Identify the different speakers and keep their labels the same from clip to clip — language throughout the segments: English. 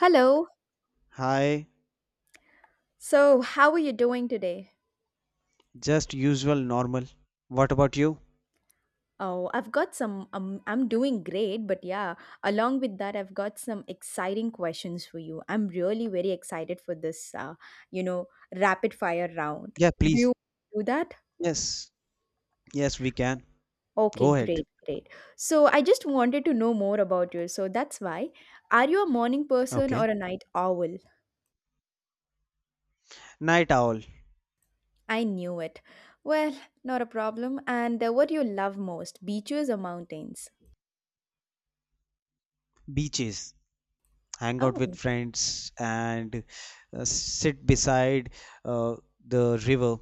Speaker 1: Hello.
Speaker 2: Hi,
Speaker 1: So, how are you doing today?
Speaker 2: just usual normal. What about you?
Speaker 1: Oh, I've got some. I'm doing great, but yeah, along with that, I've got some exciting questions for you. I'm really very excited for this, you know, rapid fire round.
Speaker 2: Yeah,
Speaker 1: Do
Speaker 2: please.
Speaker 1: you do that?
Speaker 2: Yes, yes, we can.
Speaker 1: Okay,
Speaker 2: Go ahead.
Speaker 1: great, great. So, I just wanted to know more about you. So, that's why. Are you a morning person
Speaker 2: Okay.
Speaker 1: or a night owl?
Speaker 2: Night owl,
Speaker 1: I knew it. Well, not a problem. And what do you love most, beaches or mountains?
Speaker 2: beaches, hang out with
Speaker 1: Oh,
Speaker 2: friends, and sit beside uh, the river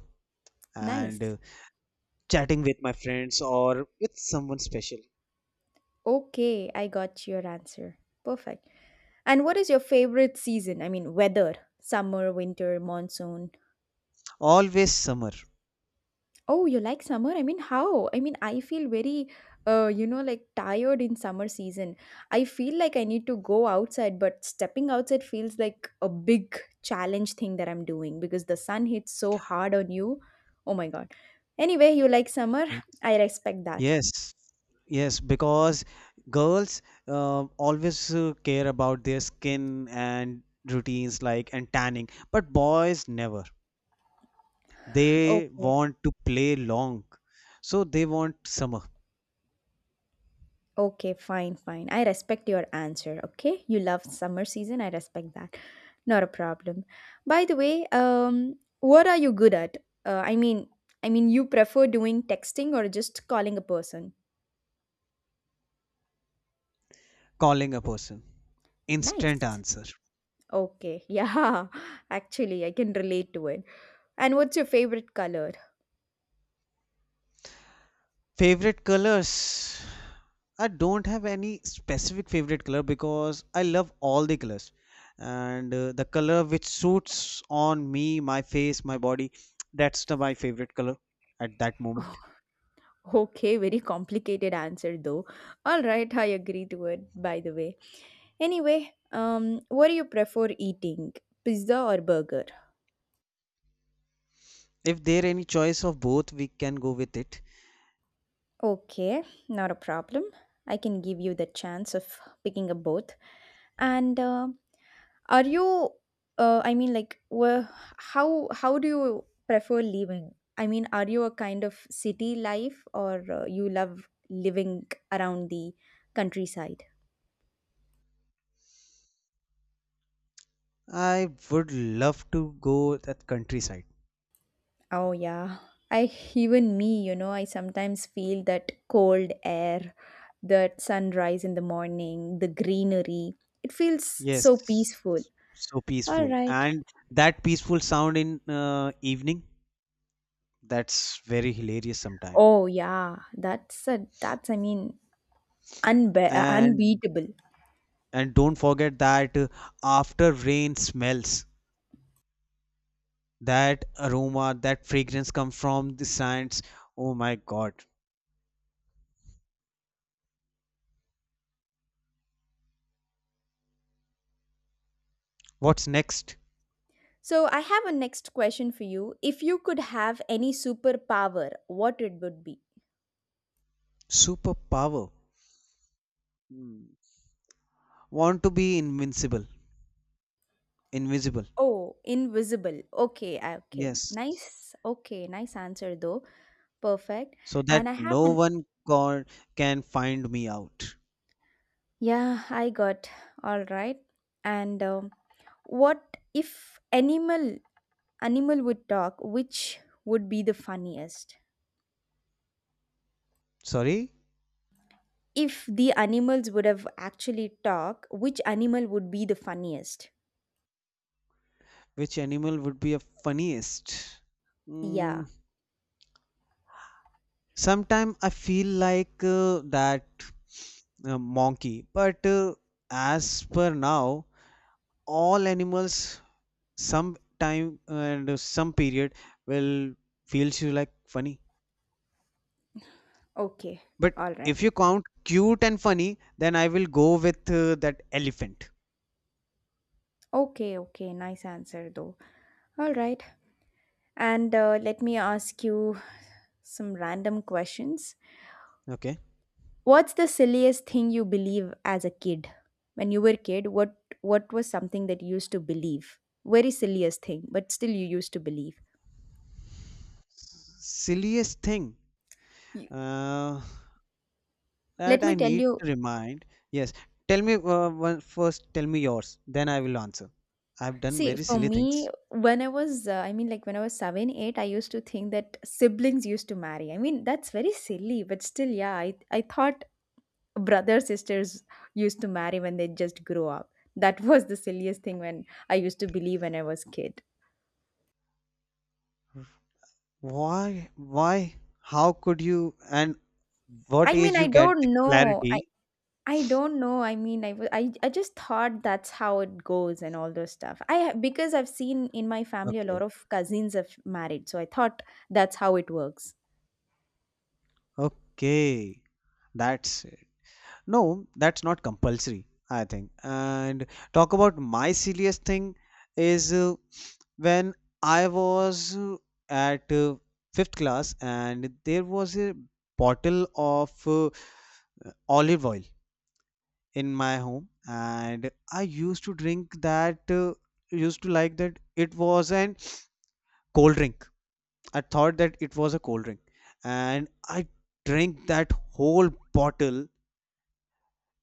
Speaker 1: nice.
Speaker 2: and chatting with my friends or with someone special.
Speaker 1: Okay, I got your answer. Perfect. And what is your favorite season? I mean, weather, summer, winter, monsoon.
Speaker 2: Always summer.
Speaker 1: Oh, you like summer? I mean, how? I mean, I feel very, like tired in summer season. I feel like I need to go outside, but stepping outside feels like a big challenge thing that I'm doing because the sun hits so hard on you. Oh my God. Anyway, you like summer? I respect that.
Speaker 2: Yes, yes, because girls always care about their skin and routines like and tanning, but boys never. They
Speaker 1: Okay.
Speaker 2: want to play long, so they want summer.
Speaker 1: Okay, fine, fine. I respect your answer. Okay, you love summer season. I respect that. Not a problem. By the way, what are you good at? Uh, I mean, you prefer doing texting or just calling a person?
Speaker 2: Calling a person, instant
Speaker 1: Nice.
Speaker 2: answer.
Speaker 1: Okay. Yeah. Actually, I can relate to it. And what's your favorite color?
Speaker 2: Favorite colors? I don't have any specific favorite color because I love all the colors, and the color which suits on me, my face, my body, that's the my favorite color at that moment.
Speaker 1: Okay, very complicated answer though. All right, I agree to it. By the way, anyway, What do you prefer eating? Pizza or burger?
Speaker 2: If there any choice of both, we can go with it.
Speaker 1: Okay, not a problem. I can give you the chance of picking up both. And are you? I mean, how do you prefer living? I mean, are you a kind of city life, or you love living around the countryside?
Speaker 2: I would love to go that countryside.
Speaker 1: Oh yeah. I even me, you know, I sometimes feel that cold air, that sunrise in the morning, the greenery. It feels so
Speaker 2: Yes,
Speaker 1: peaceful.
Speaker 2: so
Speaker 1: All
Speaker 2: peaceful,
Speaker 1: right.
Speaker 2: and that peaceful sound in evening, that's very hilarious sometime.
Speaker 1: Oh yeah, that's I mean
Speaker 2: And
Speaker 1: unbeatable.
Speaker 2: don't forget that after rain smells, that aroma, that fragrance come from the sands. Oh my god, what's next?
Speaker 1: So I have a next question for you. If you could have any superpower, what it would be?
Speaker 2: Superpower. Hmm. Want to be invincible, invisible.
Speaker 1: Oh, invisible. Okay.
Speaker 2: Yes,
Speaker 1: Nice. Okay, nice answer though. Perfect.
Speaker 2: so that
Speaker 1: And I have
Speaker 2: no
Speaker 1: an
Speaker 2: one, god, can find me out.
Speaker 1: yeah, I got all right. And what if animal would talk? Which would be the funniest?
Speaker 2: Sorry,
Speaker 1: If the animals would have actually talk, which animal would be the funniest?
Speaker 2: which animal would be a funniest?
Speaker 1: Yeah.
Speaker 2: mm, Sometimes I feel like that monkey, but as per now, all animals, some time and some period, will feels you like funny.
Speaker 1: Okay.
Speaker 2: But
Speaker 1: All right.
Speaker 2: if you count cute and funny, then I will go with that elephant.
Speaker 1: Okay, okay. Nice answer though. All right. And let me ask you some random questions.
Speaker 2: Okay,
Speaker 1: What's the silliest thing you believe as a kid? When you were a kid, what was something that you used to believe? Very silliest thing, but still you used to believe.
Speaker 2: silliest thing,
Speaker 1: You-
Speaker 2: uh, that
Speaker 1: Let me
Speaker 2: I
Speaker 1: tell
Speaker 2: need to
Speaker 1: you.
Speaker 2: remind. Yes, tell me one, first. Tell me yours, then I will answer. I've done
Speaker 1: See,
Speaker 2: very
Speaker 1: for
Speaker 2: silly things.
Speaker 1: me, when I was seven, eight, I used to think that siblings used to marry. I mean, that's very silly, but still, yeah, I thought brother sisters used to marry when they just grow up. That was the silliest thing when I used to believe when I was kid.
Speaker 2: Why? Why? How could you? And what
Speaker 1: I
Speaker 2: age
Speaker 1: mean, I
Speaker 2: you get the
Speaker 1: don't know. I
Speaker 2: clarity?
Speaker 1: I don't know. I just thought that's how it goes and all those stuff. Because I've seen in my family a
Speaker 2: Okay.
Speaker 1: lot of cousins have married, so I thought that's how it works.
Speaker 2: Okay. That's it. No, that's not compulsory, I think. And talk about my silliest thing is when I was at fifth class and there was a bottle of olive oil in my home and I used to drink that, used to like that. It was an cold drink. I thought that it was a cold drink, and I drank that whole bottle.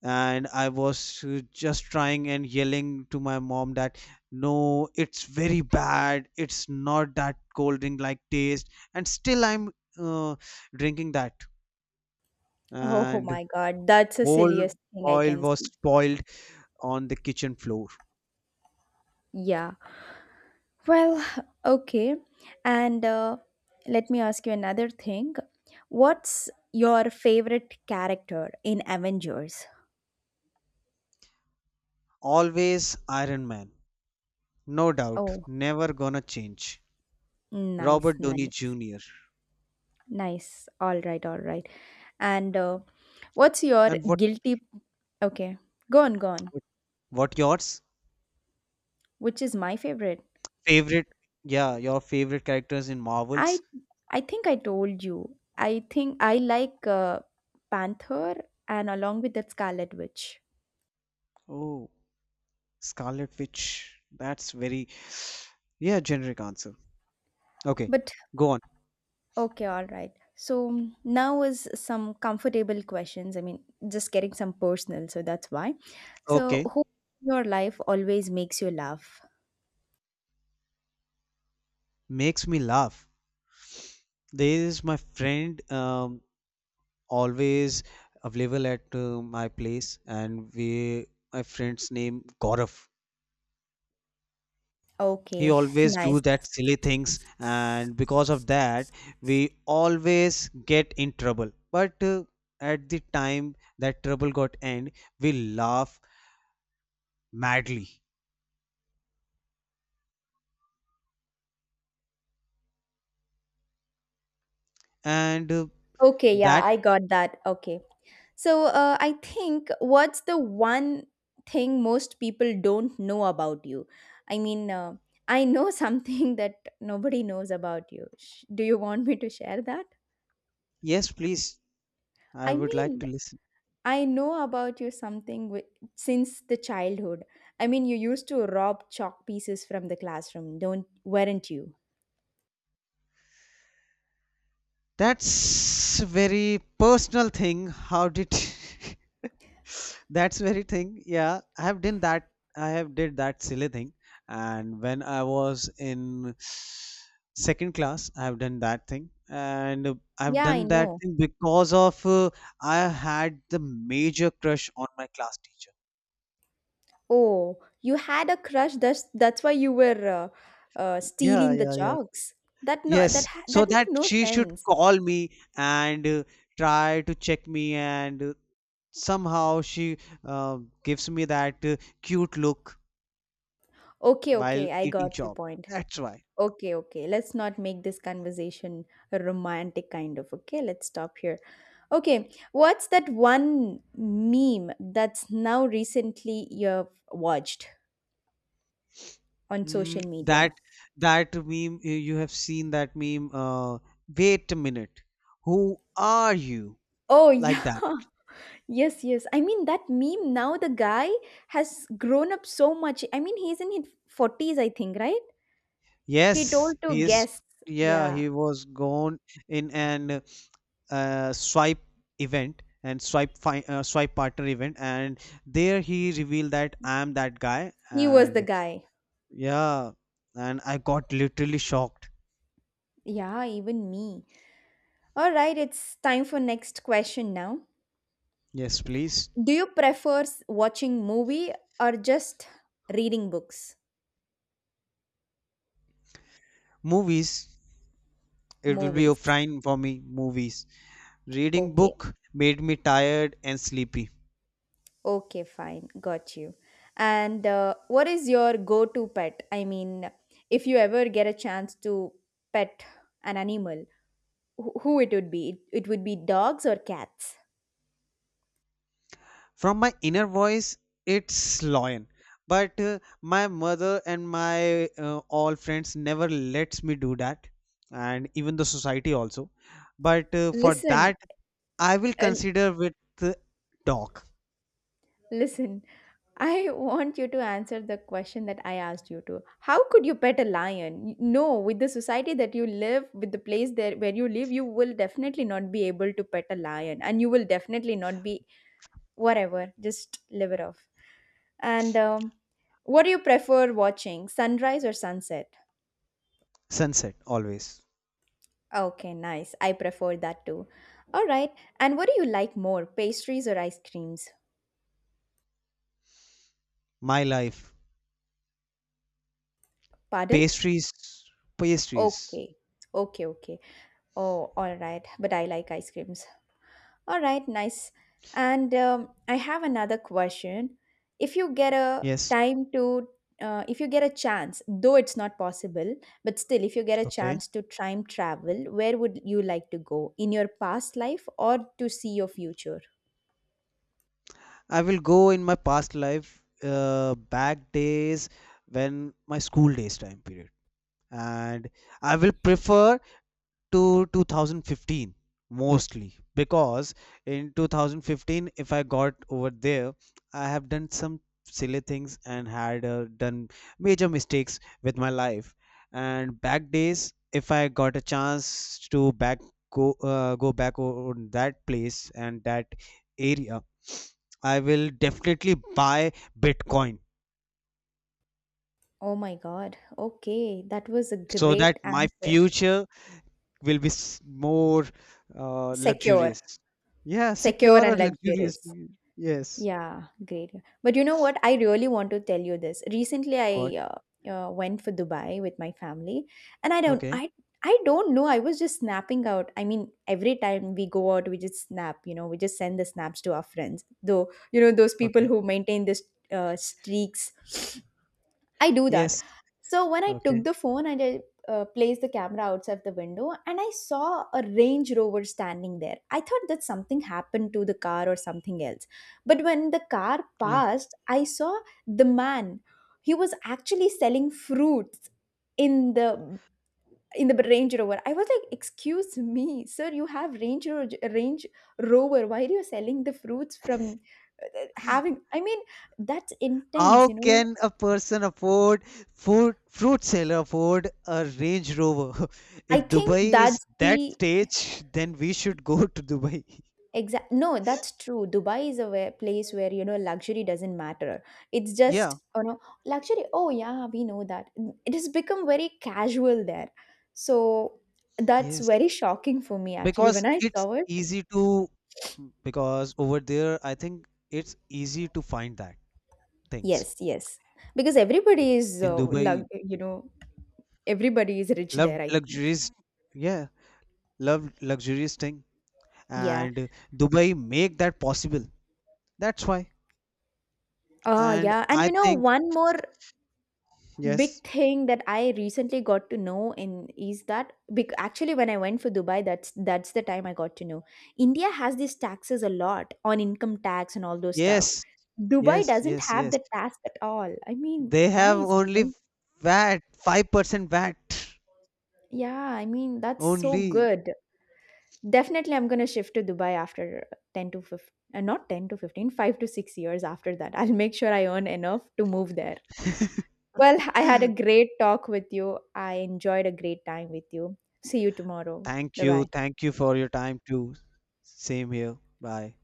Speaker 2: And I was just trying and yelling to my mom that no, it's very bad. It's not that cold drink like taste. And still, I'm uh, drinking that,
Speaker 1: Oh
Speaker 2: and
Speaker 1: my God, that's the
Speaker 2: whole
Speaker 1: silliest thing I
Speaker 2: oil
Speaker 1: can
Speaker 2: was
Speaker 1: see.
Speaker 2: spoiled on the kitchen floor.
Speaker 1: Yeah. Well, okay. And let me ask you another thing. What's your favorite character in Avengers?
Speaker 2: Always Iron Man, no doubt,
Speaker 1: Oh,
Speaker 2: never gonna change. Robert
Speaker 1: nice,
Speaker 2: Downey
Speaker 1: nice,
Speaker 2: Jr.
Speaker 1: nice. All right, all right. And what's your
Speaker 2: And
Speaker 1: guilty? Okay, go on, go on.
Speaker 2: what yours?
Speaker 1: Which is my favorite?
Speaker 2: Favorite? Yeah, your favorite characters in Marvels?
Speaker 1: I, I think I told you. I think I like Panther and along with that Scarlet Witch.
Speaker 2: Oh, Scarlet Witch. That's very, yeah, generic answer. Okay,
Speaker 1: But
Speaker 2: go on.
Speaker 1: okay, all right. So mm, now is some comfortable questions. I mean, just getting some personal, so that's why. So
Speaker 2: Okay,
Speaker 1: who in your life always makes you laugh?
Speaker 2: makes me laugh. There is my friend, always available at my place, and we, my friend's name Gaurav. He
Speaker 1: Okay,
Speaker 2: always do
Speaker 1: nice.
Speaker 2: that silly things, and because of that we always get in trouble, but at the time that trouble got end, we laugh madly. And
Speaker 1: Okay, yeah,
Speaker 2: that
Speaker 1: I got that. Okay. So I think what's the one thing most people don't know about you? I mean, uh, I know something that nobody knows about you. Do you want me to share that?
Speaker 2: yes, please, I
Speaker 1: I
Speaker 2: would like to
Speaker 1: mean,
Speaker 2: listen.
Speaker 1: I know about you something wi- since the childhood. I mean, you used to rob chalk pieces from the classroom, don't weren't you?
Speaker 2: That's a very personal thing. How did that's very thing. Yeah, I have done that. I have did that silly thing, and when I was in second class, I have done that thing, and I've
Speaker 1: Yeah, I
Speaker 2: done that
Speaker 1: know.
Speaker 2: thing because of, I had the major crush on my class teacher.
Speaker 1: Oh, you had a crush. That's why you were
Speaker 2: Yeah,
Speaker 1: stealing the
Speaker 2: yeah, yeah.
Speaker 1: chalks. That no,
Speaker 2: Yes, so
Speaker 1: that make
Speaker 2: that
Speaker 1: no
Speaker 2: she should
Speaker 1: sense.
Speaker 2: call me and try to check me, and somehow she uh, gives me that cute look
Speaker 1: Okay,
Speaker 2: while
Speaker 1: okay, I
Speaker 2: eating
Speaker 1: got your
Speaker 2: chop.
Speaker 1: point.
Speaker 2: That's why.
Speaker 1: Okay, okay. Let's not make this conversation a romantic kind of. Okay, let's stop here. Okay, what's that one meme that's now recently you've watched on
Speaker 2: Mm,
Speaker 1: social
Speaker 2: that
Speaker 1: media?
Speaker 2: that meme, you have seen that meme? Wait a minute, who are you,
Speaker 1: Oh,
Speaker 2: like
Speaker 1: yeah.
Speaker 2: that?
Speaker 1: Yes, yes. I mean, that meme now the guy has grown up so much. I mean, he's in his 40s, I think, right? He
Speaker 2: Yes,
Speaker 1: told
Speaker 2: he
Speaker 1: to
Speaker 2: is.
Speaker 1: guests.
Speaker 2: Yeah,
Speaker 1: Yeah,
Speaker 2: he was gone in an uh swipe swipe partner event, and there he revealed that I am that guy.
Speaker 1: he was the
Speaker 2: And
Speaker 1: guy.
Speaker 2: yeah, and I got literally shocked.
Speaker 1: Yeah, even me. All right, it's time for next question now.
Speaker 2: Yes, please.
Speaker 1: Do you prefer watching movie or just reading books?
Speaker 2: Movies. It will be a
Speaker 1: Movies.
Speaker 2: fine for me, movies. Reading
Speaker 1: Okay.
Speaker 2: book made me tired and sleepy.
Speaker 1: Okay, fine. Got you. And what is your go-to pet? I mean, if you ever get a chance to pet an animal, who it would be? It would be dogs or cats.
Speaker 2: From my inner voice, it's lion. But my mother and my all friends never lets me do that, and even the society also. But for
Speaker 1: Listen,
Speaker 2: that, I will
Speaker 1: uh,
Speaker 2: consider with uh, dog.
Speaker 1: Listen, I want you to answer the question that I asked you to. How could you pet a lion? No, with the society that you live, with the place there where you live, you will definitely not be able to pet a lion, and you will definitely not be whatever. Just live it off. And what do you prefer watching, sunrise or sunset?
Speaker 2: Sunset always.
Speaker 1: Okay, nice. I prefer that too. All right. And what do you like more, pastries or ice creams?
Speaker 2: My life,
Speaker 1: Pardon?
Speaker 2: pastries, pastries.
Speaker 1: Okay. Okay, okay. Oh, all right. But I like ice creams. All right, nice. And I have another question. If you get a
Speaker 2: Yes.
Speaker 1: time to, if you get a chance, though it's not possible, but still, if you get a
Speaker 2: Okay.
Speaker 1: chance to time travel, where would you like to go? In your past life or to see your future?
Speaker 2: I will go in my past life, back days when my school days time period, and I will prefer to 2015 mostly, because in 2015 if I got over there, I have done some silly things and had done major mistakes with my life. And back days, if I got a chance to back, go back on that place and that area, I will definitely buy Bitcoin,
Speaker 1: Oh my God. Okay, that was a
Speaker 2: so that
Speaker 1: great
Speaker 2: my
Speaker 1: answer.
Speaker 2: future will be more
Speaker 1: Secure,
Speaker 2: luxurious. Yeah,
Speaker 1: secure
Speaker 2: secure or
Speaker 1: and
Speaker 2: luxurious.
Speaker 1: luxurious.
Speaker 2: Yes.
Speaker 1: Yeah, great. But you know what? I really want to tell you this. Recently,
Speaker 2: What?
Speaker 1: I went for Dubai with my family, and I don't,
Speaker 2: Okay.
Speaker 1: I, I don't know. I was just snapping out. I mean, every time we go out, we just snap. You know, we just send the snaps to our friends. Though, you know, those people
Speaker 2: Okay.
Speaker 1: who maintain this streaks I do that.
Speaker 2: Yes.
Speaker 1: So when I
Speaker 2: Okay.
Speaker 1: took the phone and I placed the camera outside the window and I saw a Range Rover standing there. I thought that something happened to the car or something else. But when the car
Speaker 2: Yeah.
Speaker 1: passed, I saw the man. He was actually selling fruits in the Range Rover. I was like, "Excuse me, sir, you have Range Rover. Why are you selling the fruits from having I mean, that's
Speaker 2: How
Speaker 1: intense, you know.
Speaker 2: can a person afford food, fruit seller afford a Range Rover?
Speaker 1: I
Speaker 2: If
Speaker 1: think
Speaker 2: Dubai is
Speaker 1: that's
Speaker 2: that
Speaker 1: the
Speaker 2: stage, then we should go to Dubai.
Speaker 1: exact. No, that's true. Dubai is a where, place where you know luxury doesn't matter. It's
Speaker 2: Yeah.
Speaker 1: just you know luxury. Oh yeah, we know that. Mm, it has become very casual there, so that's
Speaker 2: Yes.
Speaker 1: very shocking for me actually
Speaker 2: Because
Speaker 1: when I
Speaker 2: it's
Speaker 1: saw it.
Speaker 2: easy to, because over there, I think it's easy to find that things.
Speaker 1: Yes, yes, because everybody is
Speaker 2: In
Speaker 1: lug.
Speaker 2: Dubai,
Speaker 1: You know, everybody is rich
Speaker 2: love
Speaker 1: there. I think.
Speaker 2: luxuries, yeah, love luxurious thing.
Speaker 1: Yeah.
Speaker 2: And dubai make that possible, that's why.
Speaker 1: Ah,
Speaker 2: And
Speaker 1: yeah. And
Speaker 2: I
Speaker 1: you know,
Speaker 2: think,
Speaker 1: one more
Speaker 2: yes,
Speaker 1: big thing that I recently got to know in is that actually when I went for Dubai, that's the time I got to know. India has these taxes a lot on income tax and all those
Speaker 2: yes,
Speaker 1: stuff.
Speaker 2: yes,
Speaker 1: Dubai doesn't
Speaker 2: yes,
Speaker 1: have
Speaker 2: yes,
Speaker 1: the tax at all. I mean,
Speaker 2: they have
Speaker 1: nice, you
Speaker 2: only
Speaker 1: know.
Speaker 2: vat, 5% vat
Speaker 1: Yeah, I mean that's so
Speaker 2: only.
Speaker 1: good. Definitely, I'm gonna shift to Dubai after ten to fifteen, not 10 to 15, 5 to 6 years after that. I'll make sure I earn enough to move there. Well, I had a great talk with you. I enjoyed a great time with you. See you tomorrow.
Speaker 2: Thank
Speaker 1: Bye
Speaker 2: you,
Speaker 1: bye.
Speaker 2: thank you for your time too. Same here. Bye.